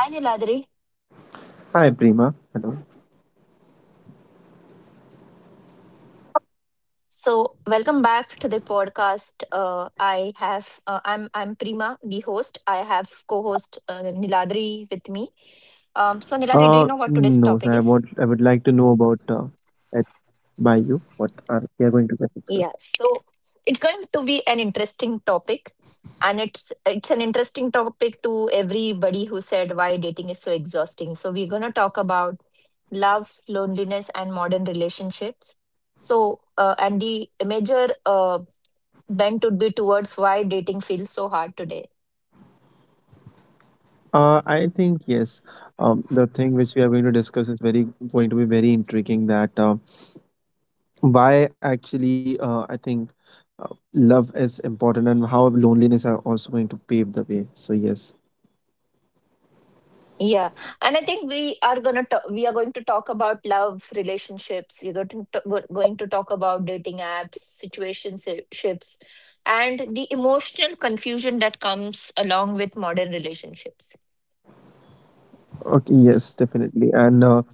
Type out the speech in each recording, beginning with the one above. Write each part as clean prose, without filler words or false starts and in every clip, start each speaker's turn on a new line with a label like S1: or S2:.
S1: Hi, Niladri.
S2: Hi, Prima. Hello.
S1: So, welcome back to the podcast. I'm Prima, the host. I have co-host Niladri with me. So, Niladri, do you know what today's topic is?
S2: No, sir. I would like to know about at by you what are we are
S1: Yeah.
S2: going to
S1: So,
S2: discuss.
S1: it's going to be an interesting topic, and it's an interesting topic to everybody who said why dating is so exhausting. So, we're gonna talk about love, loneliness, and modern relationships. So, and the major bent would be towards why dating feels so hard today.
S2: I think yes. The thing which we are going to discuss is very going to be very intriguing. That why actually I think uh, love is important and how loneliness are also going to pave the way. So yes.
S1: Yeah, and I think we are going to talk about love, relationships. You're going to going to talk about dating apps, situationships, and the emotional confusion that comes along with modern relationships.
S2: Okay. Yes, definitely. And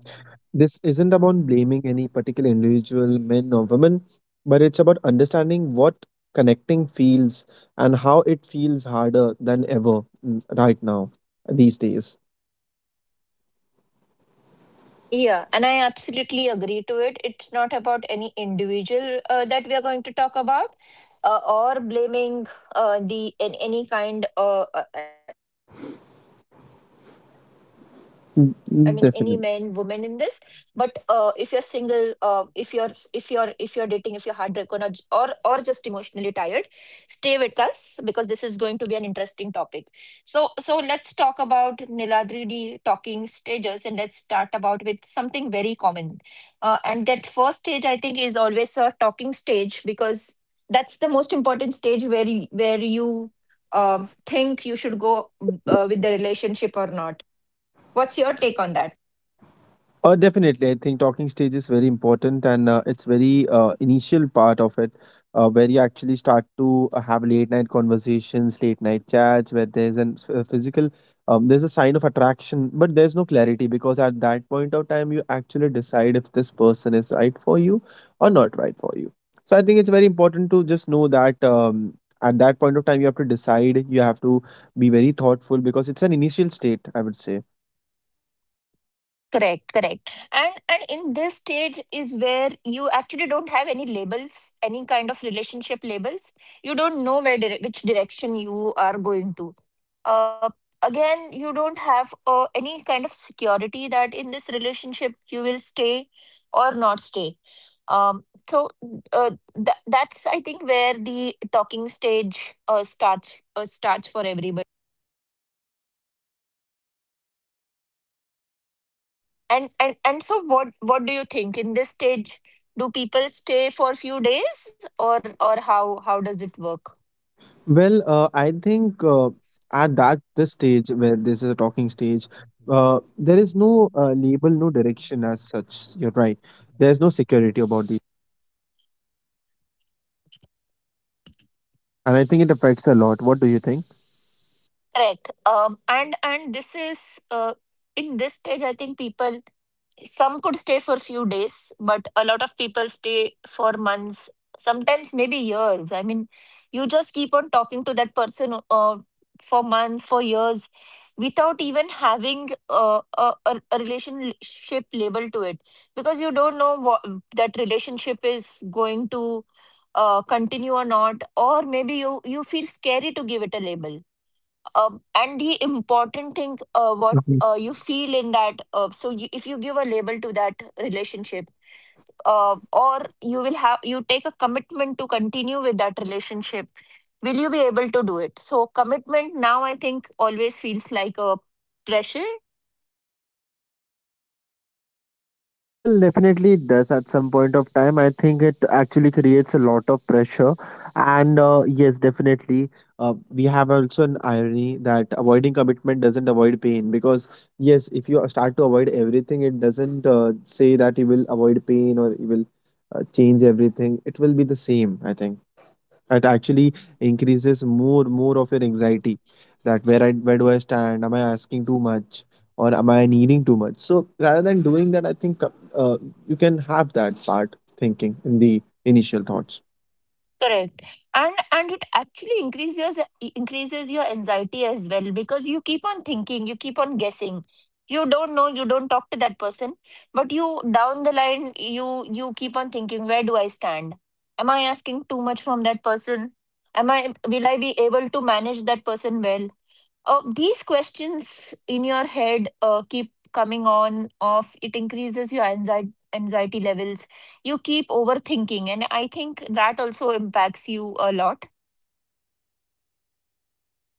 S2: this isn't about blaming any particular individual, men or women, but it's about understanding what connecting feels and how it feels harder than ever right now, these days.
S1: Yeah, and I absolutely agree to it. It's not about any individual that we are going to talk about, or blaming the in any kind. I mean, any men, women in this. But if you're
S2: Mm,
S1: single,
S2: definitely.
S1: if you're if you're dating, if you're heartbroken or just emotionally tired, stay with us because this is going to be an interesting topic. So let's talk about, Niladri, D talking stages, and let's start about with something very common. And that first stage, I think, is always a talking stage because that's the most important stage where where you think you should go with the relationship or not. What's your take on that?
S2: Definitely, I think talking stage is very important, and it's very initial part of it, where you actually start to have late night conversations, late night chats, where there's an physical, there's a sign of attraction, but there's no clarity because at that point of time, you actually decide if this person is right for you or not right for you. So I think it's very important to just know that. At that point of time, you have to decide. You have to be very thoughtful because it's an initial state, I would say.
S1: Correct. And in this stage is where you actually don't have any labels, any kind of labels. You don't know which direction you are going to. Uh, again you don't have any kind of security that in this relationship, stay or not stay. um so uh, that's, I think, where the talking stage starts for everybody. And so what do you think in this stage? Do people stay for a few days, or how does it work?
S2: Well, I think at that this stage where this is a talking stage, there is no label, no direction as such. You're right. There's no security about these, and I think it affects a lot. What do you think?
S1: Correct. And this is in this stage, I think people, some could stay for few days, but a lot of people stay for months, sometimes maybe years. I mean, you just keep on talking to that person for months, for years, without even having a relationship label to it, because you don't know what that relationship is going to continue or not, or maybe you feel scary to give it a label. And the important thing, what you feel in that, if you give a label to that relationship, or you will have, you take a commitment to continue with that relationship, will you be able to do it? So commitment now, I think, always feels like a pressure.
S2: Well, definitely it does at some point of time. I think it actually creates a lot of pressure. And yes, definitely. We have also an irony that avoiding commitment doesn't avoid pain because, yes, if you start to avoid everything, it doesn't say that you will avoid pain or you will change everything. It will be the same. I think it actually increases more of your anxiety, that where I where do I stand? Am I asking too much or am I needing too much? So rather than doing that, I think you can have that part thinking in the initial thoughts.
S1: Correct. And it actually increases your, increases your anxiety as well, because you keep on thinking, you keep on guessing. You don't know, you don't talk to that person, but you, down the line, you keep on thinking, where do I stand? Am I asking too much from that person? Am I Will I be able to manage that person well? These questions in your head keep coming on off, it increases your anxiety levels. You keep overthinking, and I think that also impacts you a lot.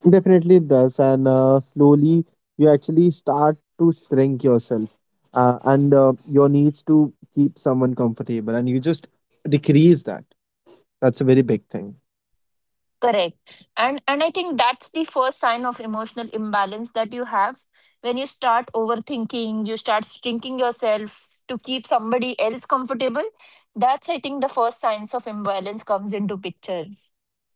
S2: Definitely it does, and slowly you actually start to shrink yourself, and your needs to keep someone comfortable, and you just decrease that. That's a very big thing.
S1: Correct. And I think that's the first sign of emotional imbalance that you have, when you start overthinking, you start shrinking yourself to keep somebody else comfortable. That's, I think, the first signs of imbalance comes into picture.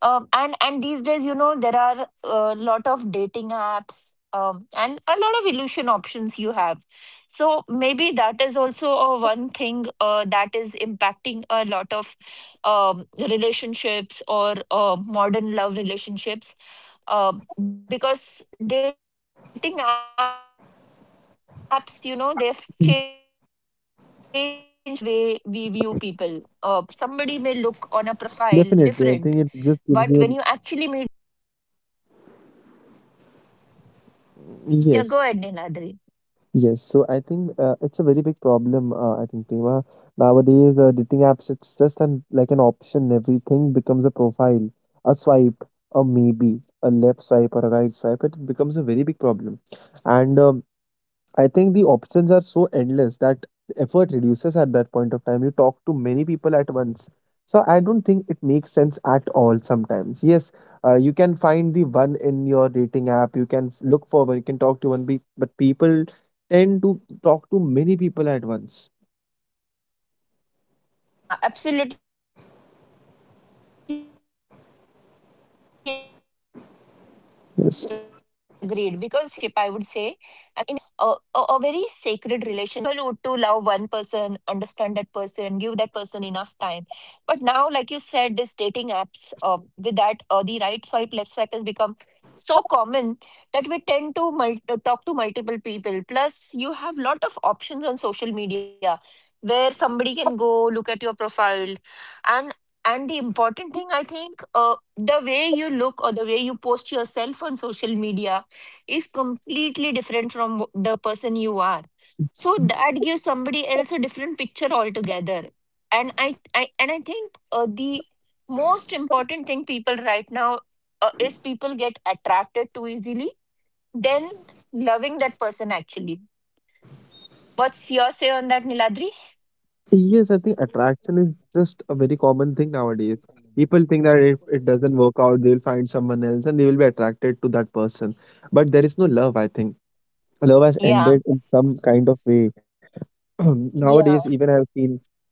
S1: And these days, you know, there are a lot of dating apps, and a lot of illusion options you have. So maybe that is also a one thing that is impacting a lot of relationships or modern love relationships, because dating apps, you know, they've changed the way we view people. Somebody may look on a profile different, but when you actually meet that person, you may look, you may
S2: Definitely, I
S1: actually
S2: think
S1: know
S2: it
S1: how
S2: just
S1: that
S2: gives
S1: person
S2: you.
S1: is. Yeah, go
S2: Yes.
S1: ahead Niladri.
S2: Yes, so I think it's a very big problem. I think, Prima, nowadays dating apps it's just an like an option. Everything becomes a profile, a swipe, a maybe, a left swipe or a right swipe. It becomes a very big problem, and I think the options are so endless that the effort reduces at that point of time. You talk to many people at once. So I don't think it makes sense at all sometimes. Yes, you can find the one in your dating app. You can look for one. You can talk to one. But people tend to talk to many people at once.
S1: Yeah, absolutely agreed. Because initially, you know, what love was very, a very
S2: Yes.
S1: sacred relationship, I would say. I mean, people would to love one person, understand that person, give that person enough time. But now, like you said, this dating apps, with that, the right swipe, left swipe has become so common that we tend to talk to multiple people. Plus, you have lot of options on social media where somebody can go look at your profile. And the important thing, I think, the way you look or the way you post yourself on social media is completely different from the person you are. So that gives somebody else a different picture altogether. And I think the most important thing, people right now, is people get attracted too easily then loving that person actually. What's your say on that, Niladri?
S2: Yes, I think attraction is just a very common thing nowadays. People think that if it doesn't work out, they'll find someone else and they will be attracted to that person. But there is no love. I think love has ended
S1: Yeah.
S2: in some kind of way. Nowadays,
S1: Yeah,
S2: even I've seen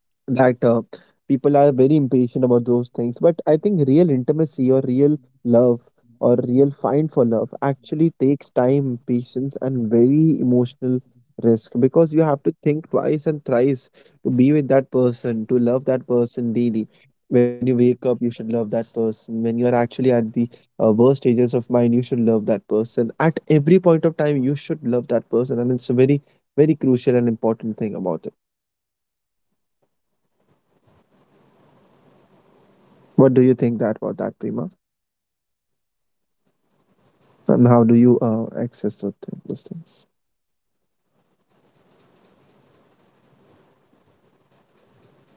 S2: that people are very impatient about those things. But I think real intimacy or real love or real find for love actually takes time, patience, and very emotional risk, because you have to think twice and thrice to be with that person, to love that person daily. When you wake up, you should love that person. When you are actually at the worst stages of mind, you should love that person. At every point of time, you should love that person, and it's a very, very crucial and important thing about it.
S1: exactly. I absolutely agree to your point. You
S2: What do you
S1: rightly
S2: think that
S1: said.
S2: about that, Prima?
S1: Yeah, yeah, I agree to that point. You
S2: And how
S1: absolutely
S2: do you
S1: said.
S2: access those things,
S1: Yeah, and I absolutely agree to your point, Niladri, uh, because uh,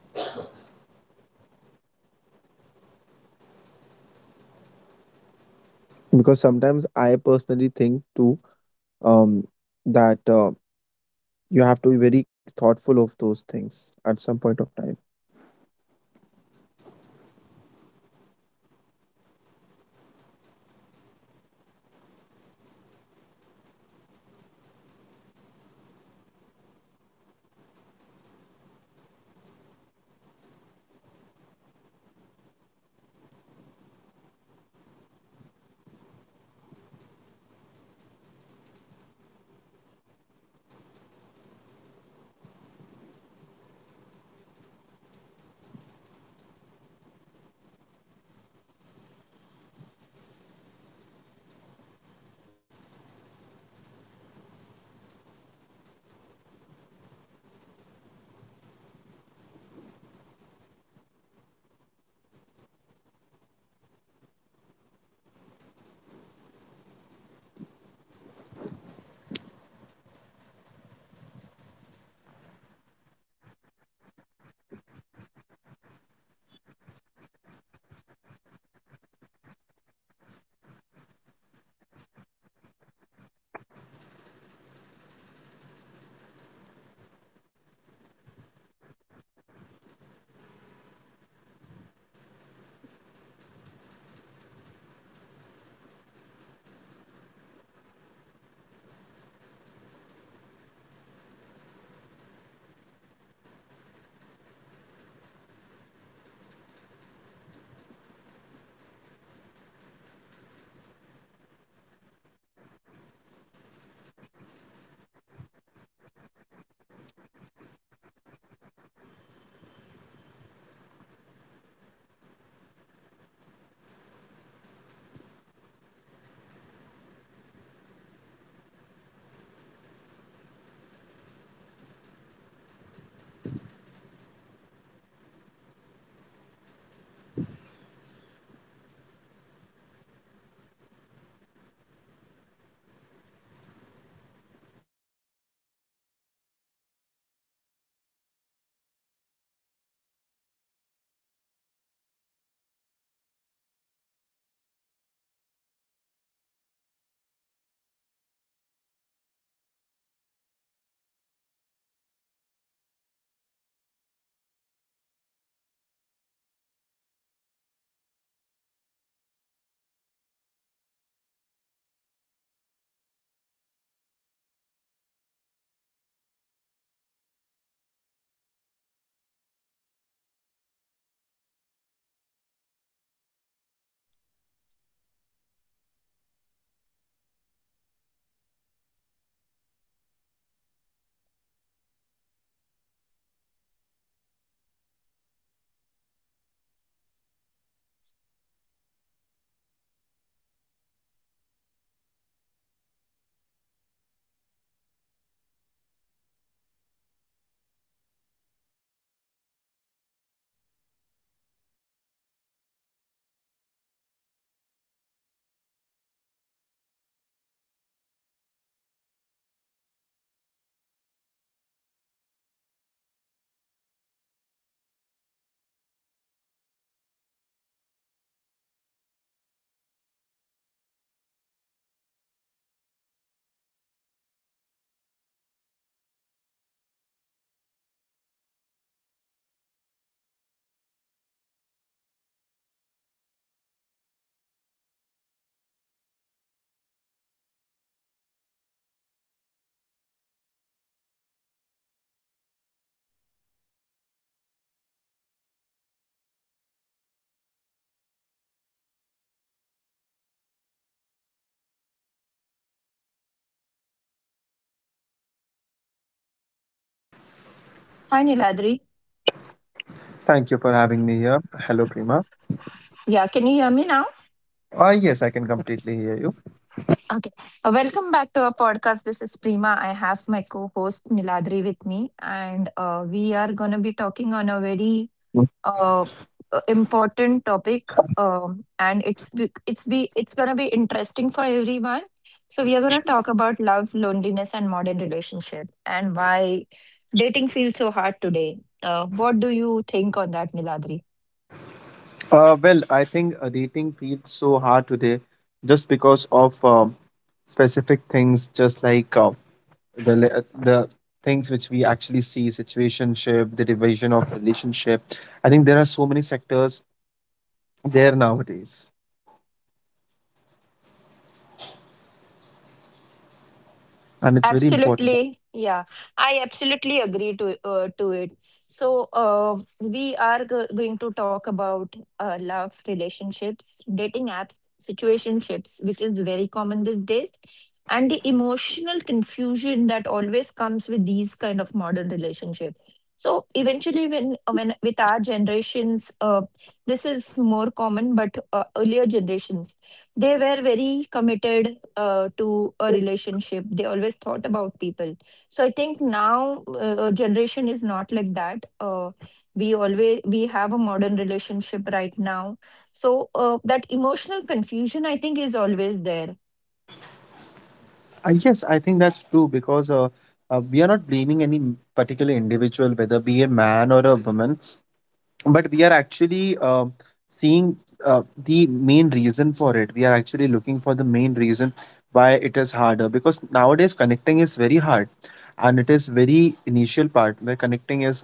S1: uh, subconsciously down the line, like you said, if the if this doesn't work, I will find
S2: because
S1: someone
S2: sometimes I
S1: else.
S2: personally think too. um
S1: Yeah, yeah. You can hear me, right? Hello, you can hear me, Niladri, right? Hello, Niladri, can you hear me? Hello. Hello, can you hear me? Hello. Hi, Niladri.
S2: Thank you for having me here. Hello, Prima.
S1: Yeah, can you hear me now?
S2: Yes, I can completely hear you.
S1: Okay. Welcome back to our podcast. This is Prima. I have my co host Niladri with me, and we are going to be talking on a very uh, important topic, and it's going to be interesting for everyone. So we are going to talk about love, loneliness, and modern relationship, and why dating feels so hard today. What do you think on that, Niladri?
S2: Well, I think dating feels so hard today just because of specific things, just like the things which we actually see situationship, the division of relationship. I think there are so many sectors there nowadays, and it's very important.
S1: Absolutely, yeah, I absolutely agree to it. So going to talk about love, relationships, dating apps, situationships, which is very common these days, and the emotional confusion that always comes with these kind of modern relationships. So eventually, when with our generations, this is more common, but earlier generations, they were very committed to a relationship. They always thought about people. So I think now generation is not like that. We always we have a modern relationship right now. So that emotional confusion, I think, is always there.
S2: Yes, I think that's true because we are not blaming any particular individual, whether be a man or a woman, but we are actually seeing the main reason for it. We are actually looking for the main reason why it is harder, because nowadays connecting is very hard, and it is very initial part where connecting is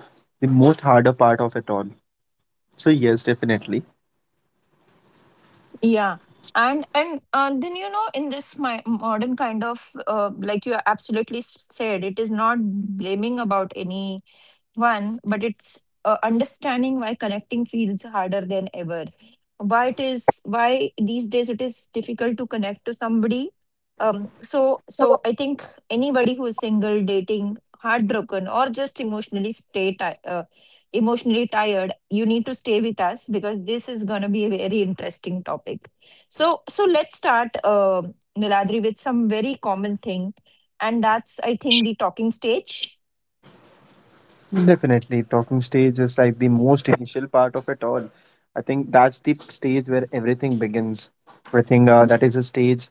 S2: the most harder part of it all. So yes, definitely.
S1: Yeah. And then, you know, in this my modern kind of, like you absolutely said, it is not blaming about any One, but it's understanding why connecting feels harder than ever. Why these days it is difficult to connect to somebody. So I think anybody who is single, dating, heartbroken, or just emotionally tired, you need to stay with us because this is gonna be a very interesting topic. So let's start, Niladri, with some very common thing, and that's, I think, the talking stage.
S2: Definitely talking stage is like the most initial part of it all. I think that's the stage where everything begins. I think that is a stage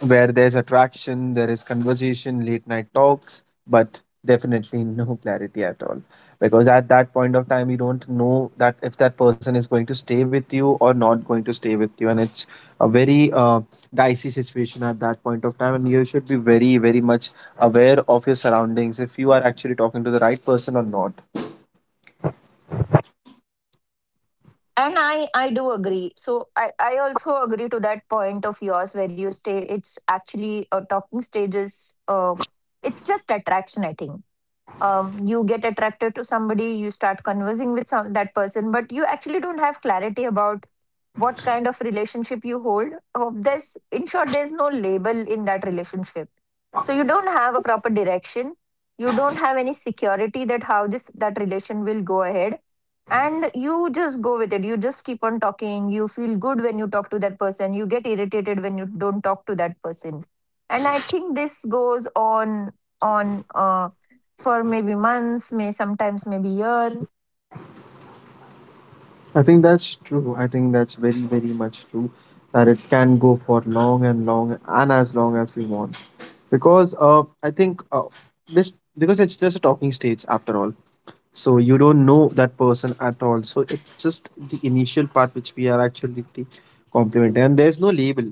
S2: where there's attraction, there is conversation, late night talks, but definitely no clarity at all. Because at that point of time, you don't know that if that person is going to stay with you or not going to stay with you. And it's a very dicey situation at that point of time. And you should be very, very much aware of your surroundings if you are actually talking to the right person or not.
S1: Uh, and I do agree. So I also agree to that point of yours, where you stay it's actually a talking stage is, uh, it's just attraction, I think. You get attracted to somebody, you start conversing with that person, but you actually don't have clarity about what kind of relationship you hold. Uh, there's in short, there's no label in that relationship, so you don't have a proper direction. You don't have any security that how this that relation will go ahead, and you just go with it. You just keep on talking, you feel good when you talk to that person, you get irritated when you don't talk to that person. And I think this goes on, on uh, for maybe months, may sometimes maybe year.
S2: I think that's true. I think that's very, very much true, that it can go for long and long and as long as we want. Because I think this because it's just a talking stage after all. So you don't know that person at all. So it's just the initial part which we are actually complimenting, and there's no label.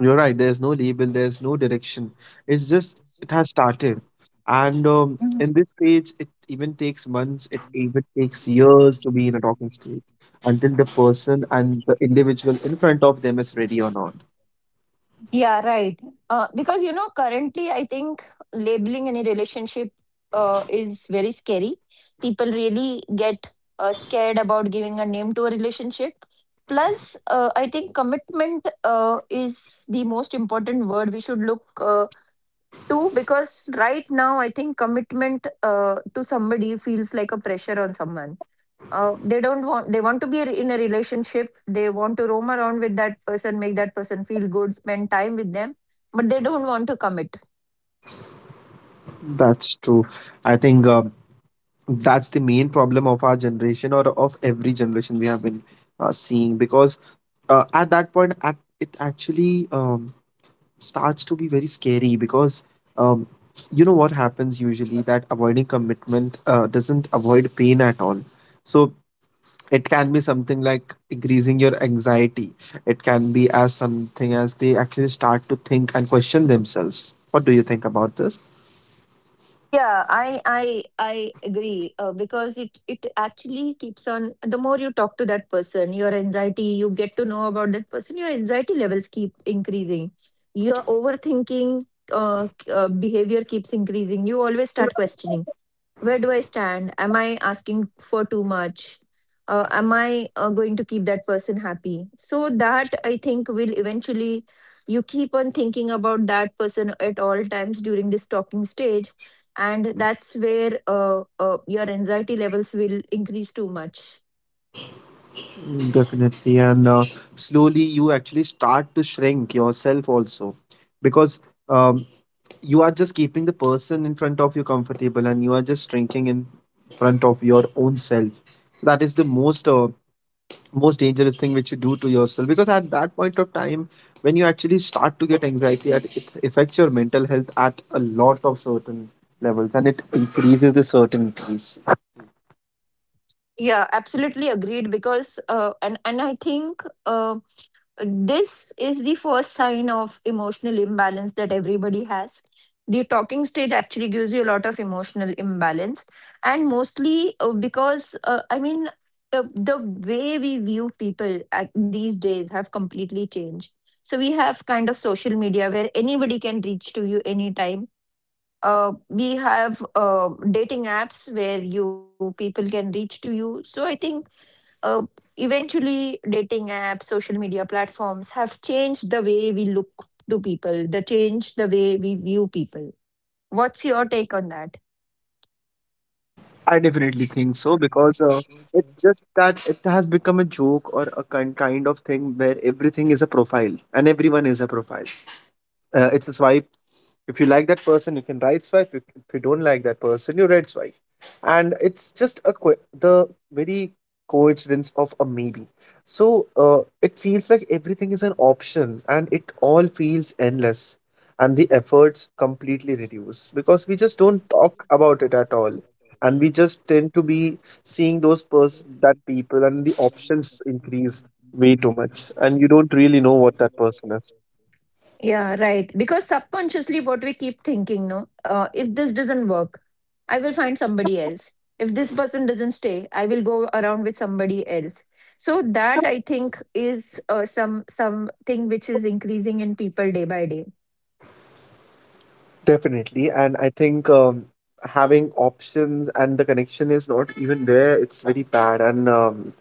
S2: You're right. There's no label. There's no direction. It's just it has started, and
S1: Mhm.
S2: in this stage, it even takes months. It even takes years to be in a talking stage until the person and the individual in front of them is ready or not.
S1: Yeah, right. Because you know, currently I think labeling any relationship is very scary. People really get scared about giving a name to a relationship. Plus, I think commitment is the most important word we should look to, because right now I think commitment to somebody feels like a pressure on someone. Uh, they don't want they want to be in a relationship, they want to roam around with that person, make that person feel good, spend time with them, but they don't want to commit.
S2: That's true. I think that's the main problem of our generation or of every generation we have been seeing. Because at that point, at it actually starts to be very scary, because um, you know what happens usually, that avoiding commitment doesn't avoid pain at all. So it can be something like increasing your anxiety. It can be as something as they actually start to think and question themselves. What do you think about this?
S1: Yeah, I agree, because it actually keeps on, the more you talk to that person, your anxiety, you get to know about that person, your anxiety levels keep increasing, your overthinking uh, behavior keeps increasing. You always start questioning, where do I stand? Am I asking for too much? Am I going to keep that person happy? So that I think will eventually you keep on thinking about that person at all times during this talking stage, and that's where your anxiety levels will increase too much.
S2: Definitely. And slowly you actually start to shrink yourself also, because um, you are just keeping the person in front of you comfortable, and you are just shrinking in front of your own self. So that is the most. Most dangerous thing which you do to yourself, because at that point of time when you actually start to get anxiety at it affects your mental health at a lot of certain levels, and it increases the certainties.
S1: Yeah, absolutely agreed. Because and I think this is the first sign of emotional imbalance that everybody has. The talking stage actually gives you a lot of emotional imbalance, and mostly because, I mean, the way we view people at these days have completely changed. So we have kind of social media where anybody can reach to you anytime, we have dating apps where you people can reach to you. So I think uh, eventually dating apps, social media platforms have changed the way we look to people, the change the way we view people. What's your take on that?
S2: I definitely think so, because it's just that it has become a joke or a kind of thing where everything is a profile and everyone is a profile. It's a swipe. If you like that person, you can right swipe. If you don't like that person, you right swipe. And it's just a the very coincidence of a maybe. So it feels like everything is an option, and it all feels endless, and the efforts completely reduce because we just don't talk about it at all, and we just tend to be seeing that people, and the options increase way too much, and you don't really know what that person is.
S1: Yeah, right. Because subconsciously, what we keep thinking, no, if this doesn't work, I will find somebody else. If this person doesn't stay, I will go around with somebody else. So that I think is something which is increasing in people day by day.
S2: Definitely. And I think having options and the connection is not even there, it's very bad. And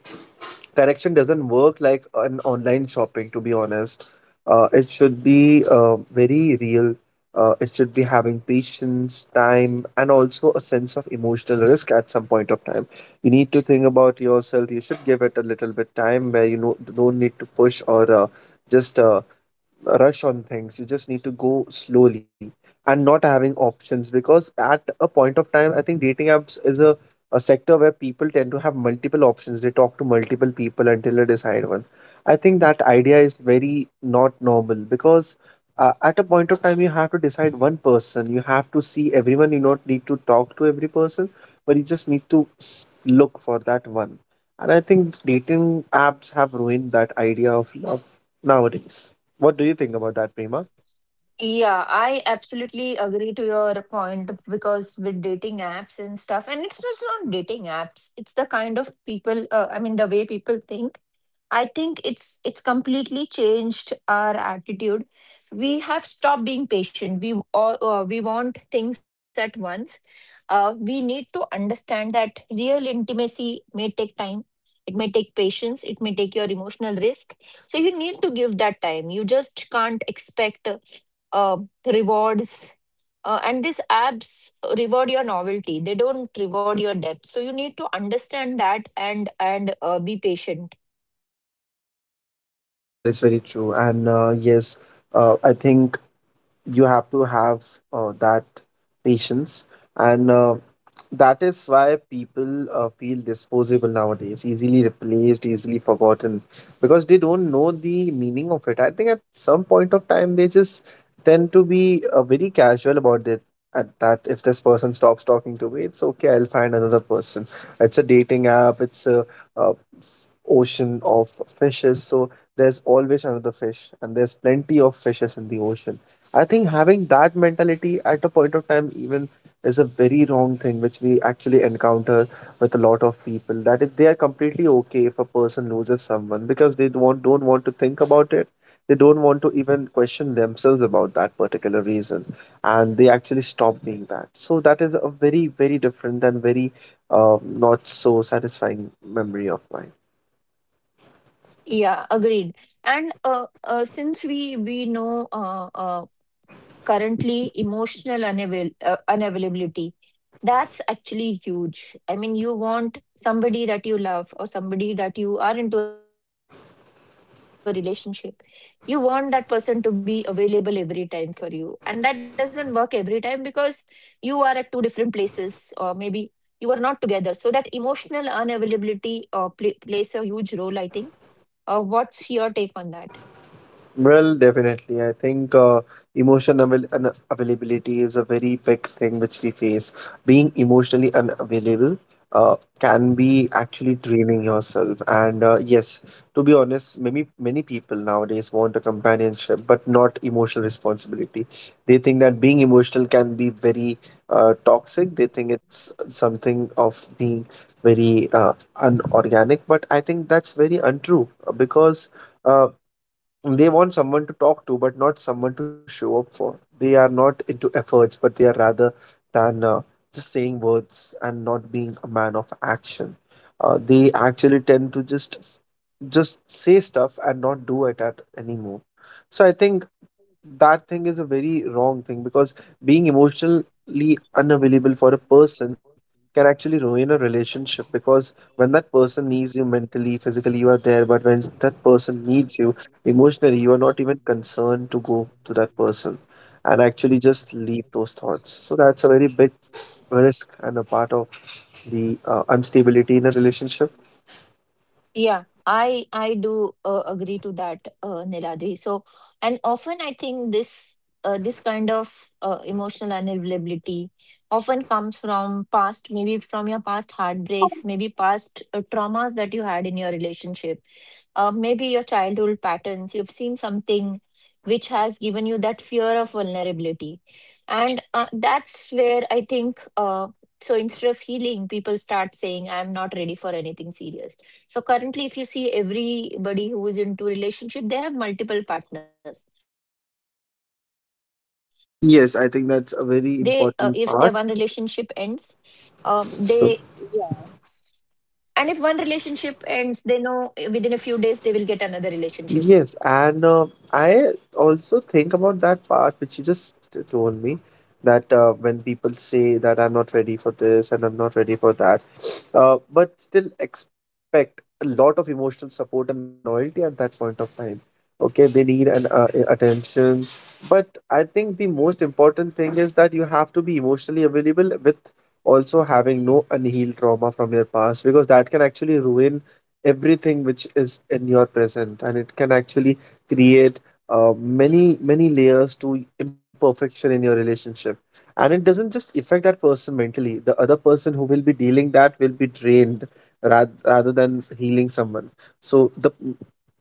S2: connection doesn't work like an online shopping, to be honest. It should be very real. It should be having patience time and also a sense of emotional risk. At some point of time you need to think about yourself. You should give it a little bit time, where you know don't need to push or just rush on things. You just need to go slowly, and not having options, because at a point of time I think dating apps is a sector where people tend to have multiple options. They talk to multiple people until they decide one. I think that idea is very not normal, because at a point of time, you have to decide one person. You have to see everyone. You not need to talk to every person, but you just need to look for that one. And I think dating apps have ruined that idea of love nowadays. What do you think about that, Prima?
S1: Yeah, I absolutely agree to your point because with dating apps and stuff, and it's just not dating apps, it's the kind of people, I mean, the way people think, I think it's completely changed our attitude. We have stopped being patient. We all we want things at once. We need to understand that real intimacy may take time. It may take patience. It may take your emotional risk. So you need to give that time. You just can't expect uh, rewards. And these apps reward your novelty. They don't reward your depth. So you need to understand that, and be patient.
S2: That is very true. I think you have to have that patience, and that is why people feel disposable nowadays, easily replaced, easily forgotten, because they don't know the meaning of it. I think at some point of time they just tend to be very casual about it. At that, if this person stops talking to me, it's okay, I'll find another person. It's a dating app, it's a, uh ocean of fishes, so there's always another fish and there's plenty of fishes in the ocean. I think having that mentality at a point of time even is a very wrong thing, which we actually encounter with a lot of people. That if they are completely okay if a person loses someone because they don't want to think about it, they don't want to even question themselves about that particular reason, and they actually stop being that. So that is a very, very different and very um, not so satisfying memory of mine.
S1: Yeah, agreed. And since we know currently emotional unavailability, that's actually huge. I mean, you want somebody that you love or somebody that you are into a relationship. You want that person to be available every time for you, and that doesn't work every time because you are at two different places, or maybe you are not together. So that emotional unavailability plays a huge role, I think. Uh, what's your take on that?
S2: Well, definitely. I think emotion unavailability is a very big thing which we face. Being emotionally unavailable can be actually draining yourself. And yes, to be honest, many, many people nowadays want a companionship, but not emotional responsibility. They think that being emotional can be very toxic. They think it's something of being very unorganic. But I think that's very untrue because. Uh, they want someone to talk to but not someone to show up for. They are not into efforts, but they are rather than just saying words and not being a man of action. They actually tend to just say stuff and not do it at anymore. So I think that thing is a very wrong thing because being emotionally unavailable for a person can actually ruin a relationship, because when that person needs you mentally, physically, you are there, but when that person needs you emotionally, you are not even concerned to go to that person and actually just leave those thoughts. So that's a very big risk and a part of the instability in a relationship.
S1: Yeah, I do agree to that, Niladri. So, and often I think this this kind of emotional unavailability often comes from past, maybe from your past heartbreaks, maybe past traumas that you had in your relationship, maybe your childhood patterns. You've seen something which has given you that fear of vulnerability, and that's where I think. So instead of healing, people start saying, "I'm not ready for anything serious." So currently, if you see everybody who is into relationship, they have multiple partners. They, if their one relationship ends,
S2: Yes, I think that's a
S1: they
S2: very important
S1: yeah.
S2: part.
S1: And if one relationship
S2: So
S1: ends, they know within a few days they will get another relationship.
S2: yes, and I also think about that part which you just told me that when people say that I'm not ready for this and I'm not ready for that, but still expect a lot of emotional support and loyalty at that point of time. Okay, they need an attention, but I think the most important thing is that you have to be emotionally available with also having no unhealed trauma from your past, because that can actually ruin everything which is in your present, and it can actually create many, many layers to imperfection in your relationship. And it doesn't just affect that person mentally; the other person who will be dealing that will be drained. Rather than healing someone, so the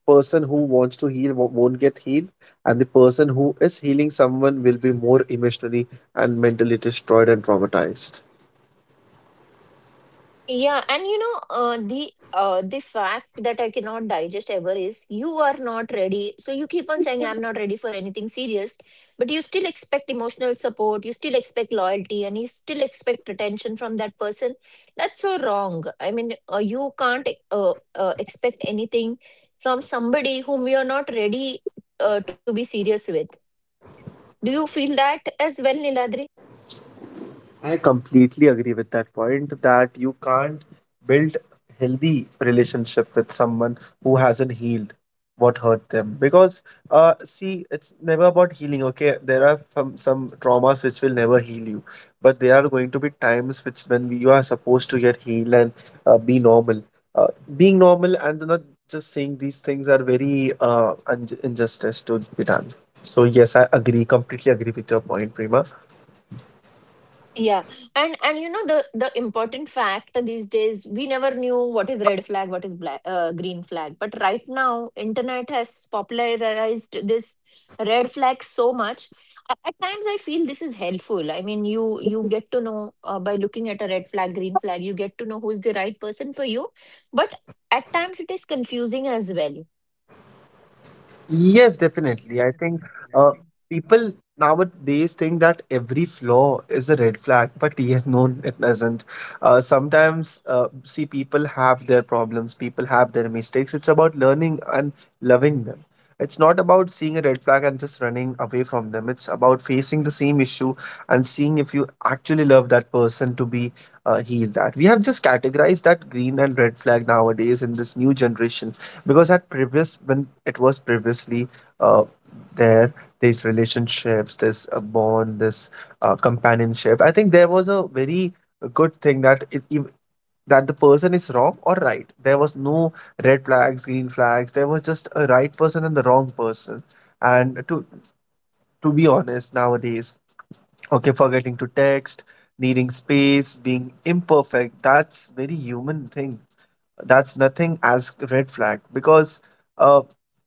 S2: person who wants to heal won't get healed, and the person who is healing someone will be more emotionally and mentally destroyed and traumatized.
S1: Yeah, and you know, the fact that I cannot digest ever is you are not ready. So you keep on saying I'm not ready for anything serious, but you still expect emotional support, you still expect loyalty, and you still expect attention from that person. That's so wrong. I mean, you can't expect anything from somebody whom you're not ready to be serious with. Do you feel that as well, Niladri?
S2: I completely agree with that point, that you can't build healthy relationship with someone who hasn't healed what hurt them. Because see, it's never about healing. Okay, there are some traumas which will never heal you, but there are going to be times which when you are supposed to get healed and be normal. uh, Being normal and not just saying these things are very injustice to be done. So yes, I agree, completely agree with your point, Prima.
S1: Yeah. And you know the important fact these days we never knew what is red flag, what is black, green flag. But right now internet has popularized this red flag so much. At times I feel this is helpful. I mean you get to know by looking at a red flag, green flag, you get to know who is the right person for you. But at times it is confusing as well.
S2: Yes, definitely. I think uh, people nowadays think that every flaw is a red flag, but yes, no, it doesn't. Sometimes, see, people have their problems, people have their mistakes. It's about learning and loving them. It's not about seeing a red flag and just running away from them. It's about facing the same issue and seeing if you actually love that person to be healed. That we have just categorized that green and red flag nowadays in this new generation, because at previous, when it was previously uh, there, these relationships, this bond, this companionship, I think there was a very good thing, that that the person is wrong or right, there was no red flags, green flags, there was just a right person and the wrong person. And to be honest, nowadays okay, forgetting to text, needing space, being imperfect, that's very human thing. That's nothing as red flag, because uh,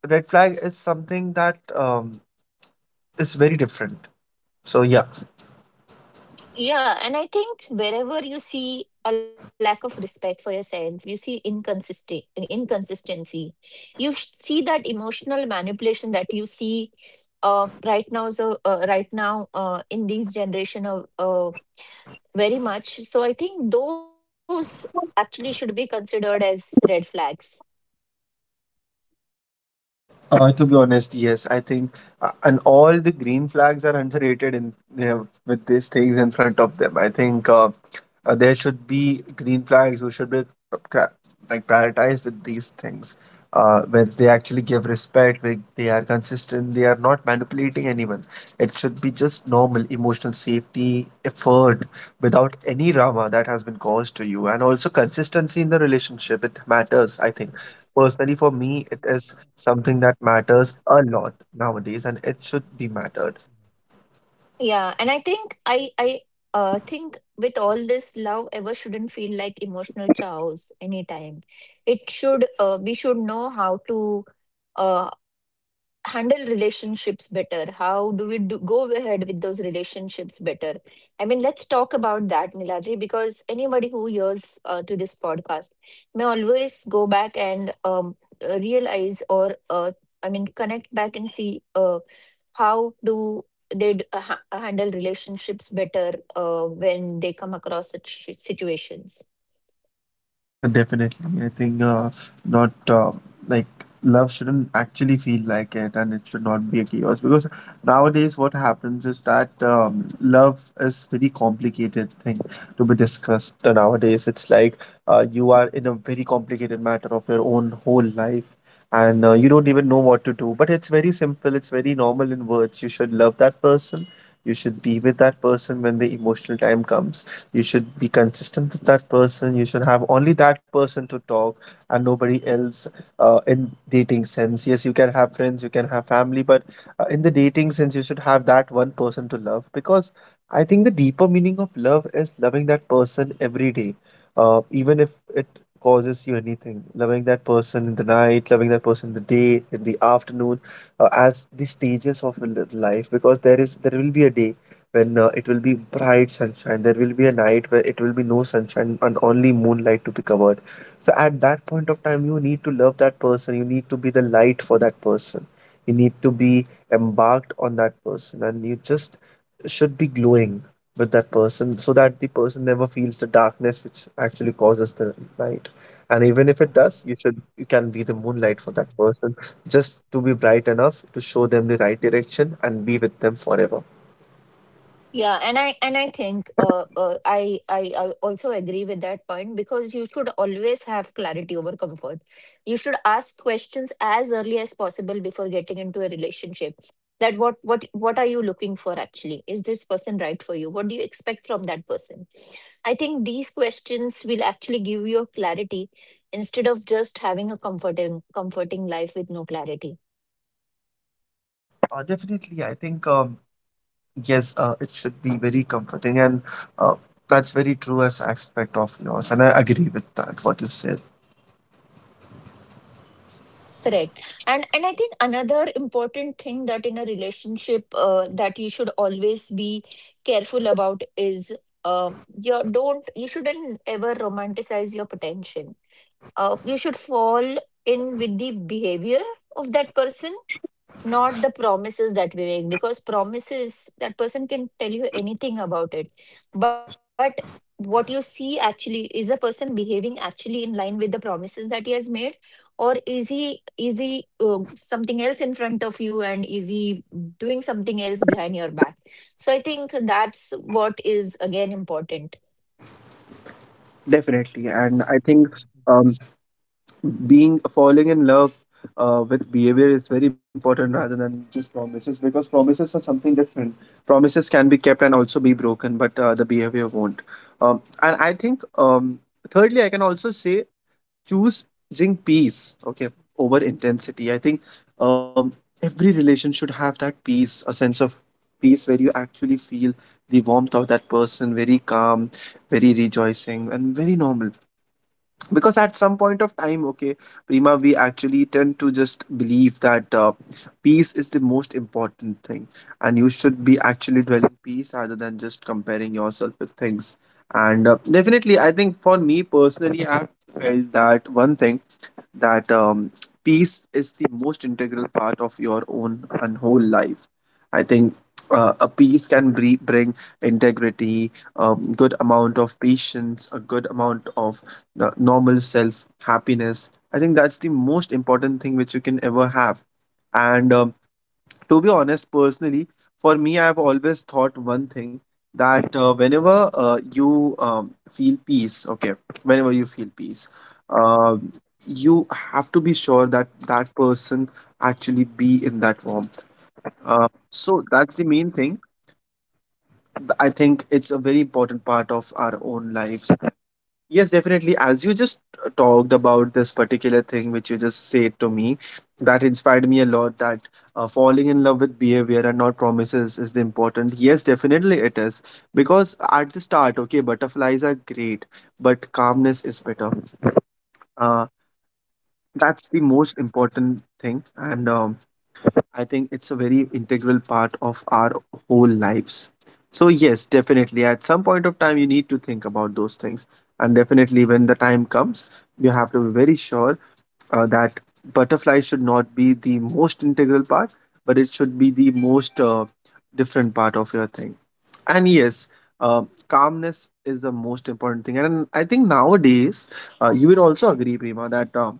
S2: red flag is something that is very different. So yeah.
S1: Yeah, and I think wherever you see a lack of respect for yourself, you see inconsistent inconsistency. You see that emotional manipulation that you see right now. So right now in these generation of very much. So I think those actually should be considered as red flags.
S2: To be honest, yes, I think, and all the green flags are underrated in with these things in front of them. I think there should be green flags who should be cra- like prioritized with these things, where they actually give respect, where they are consistent, they are not manipulating anyone. It should be just normal emotional safety effort without any drama that has been caused to you, and also consistency in the relationship. It matters, I think. Personally, for me, it is something that matters a lot nowadays, and it should be mattered.
S1: Yeah, and I think I think with all this love ever shouldn't feel like emotional chows anytime. It should, uh, we should know how to uh handle relationships better. How do we do, go ahead with those relationships better? I mean, let's talk about that, Niladri, because anybody who hears to this podcast may always go back and realize or I mean connect back and see, uh, how do they handle relationships better when they come across such situations.
S2: Definitely. I think not like, love shouldn't actually feel like it and it should not be a chaos, because nowadays what happens is that love is very complicated thing to be discussed. Nowadays it's like you are in a very complicated matter of your own whole life, and you don't even know what to do. But it's very simple, it's very normal in words. You should love that person, you should be with that person when the emotional time comes, you should be consistent with that person, you should have only that person to talk and nobody else. In dating sense, yes, you can have friends, you can have family, but in the dating sense, you should have that one person to love, because I think the deeper meaning of love is loving that person every day, even if it causes you anything, loving that person in the night, loving that person in the day, in the afternoon, as the stages of life. Because there is there will be a day when it will be bright sunshine. There will be a night where it will be no sunshine and only moonlight to be covered. So at that point of time, you need to love that person. You need to be the light for that person. You need to be embarked on that person, and you just should be glowing with that person, so that the person never feels the darkness which actually causes the light. And even if it does, you can be the moonlight for that person, just to be bright enough to show them the right direction and be with them forever.
S1: Yeah, and I and I think I also agree with that point because you should always have clarity over comfort. You should ask questions as early as possible before getting into a relationship. That what are you looking for, actually? Is this person right for you? What do you expect from that person? I think these questions will actually give you a clarity instead of just having a comforting life with no clarity.
S2: Definitely, I think yes, it should be very comforting, and uh, that's very true as aspect of yours, and I agree with that what you said.
S1: Correct. And I think another important thing that in a relationship that you should always be careful about is uh, your don't you shouldn't ever romanticize your potential. You should fall in with the behavior of that person, not the promises that we make, because promises that person can tell you anything about it, but what you see actually is the person behaving actually in line with the promises that he has made, or is he something else in front of you, and is he doing something else behind your back. So I think that's what is again important.
S2: Definitely, and I think um, being falling in love with behavior is very important rather than just promises, because promises are something different. Promises can be kept and also be broken, but the behavior won't. And I think thirdly, I can also say choosing peace, okay, over intensity. I think um, every relation should have that peace, a sense of peace, where you actually feel the warmth of that person, very calm, very rejoicing and very normal. Because at some point of time, okay, Prima, we actually tend to just believe that peace is the most important thing, and you should be actually dwelling peace rather than just comparing yourself with things. And definitely, I think for me personally, I felt that one thing, that peace is the most integral part of your own and whole life. I think a peace can bring integrity, a good amount of patience, a good amount of
S1: Yeah, absolutely
S2: normal
S1: right.
S2: self,
S1: I
S2: happiness. I think that's the most important thing which you can ever have. And to be honest, personally, for me, I've always
S1: Yeah,
S2: thought one thing,
S1: absolutely.
S2: that whenever
S1: And I do agree
S2: you
S1: with that as well,
S2: feel peace, okay,
S1: because
S2: whenever you
S1: when
S2: feel
S1: you
S2: peace, um you have to be sure that that person actually be in that warmth. So that's the main thing. I think it's a very important part of our own lives. Yes, definitely. As you just talked about this particular thing which you just said to me, that inspired me a lot, that falling in love with behavior and not promises is the important. Yes, definitely it is. Because at the start, okay, butterflies are great, but calmness is better. Uh, that's the most important thing. And I think it's a very integral part of our whole lives. So, yes, definitely, at some point of time, you need to think about those things. And definitely, when the time comes, you have to be very sure that butterfly should not be the most integral part, but it should be the most different part of your thing. And yes, calmness is the most important thing. And I think nowadays, you will also agree, Prima, that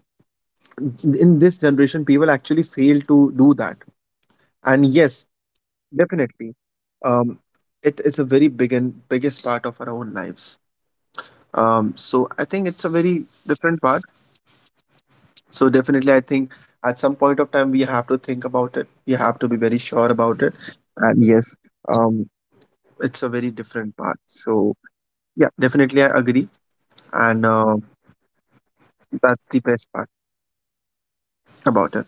S2: in this generation, people actually fail to do that. And yes, definitely, um, it is a very big and biggest part of our own lives. So I think it's a very different part. So definitely, I think at some point of time we have to think about it. We have to be very sure about it. And yes, um, it's a very different part. So yeah, definitely, I agree. And that's the best part about it.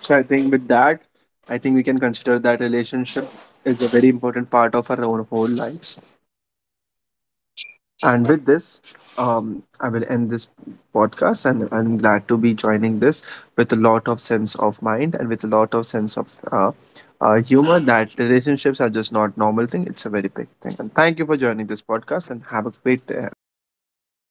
S2: So I think with that, I think we can consider that relationship is a very important part of our own whole lives. And with this, I will end this podcast, and I'm glad to be joining this with a lot of sense of mind and with a lot of sense of humor, that relationships are just not normal thing; it's a very big thing. And thank you for joining this podcast, and have a great day.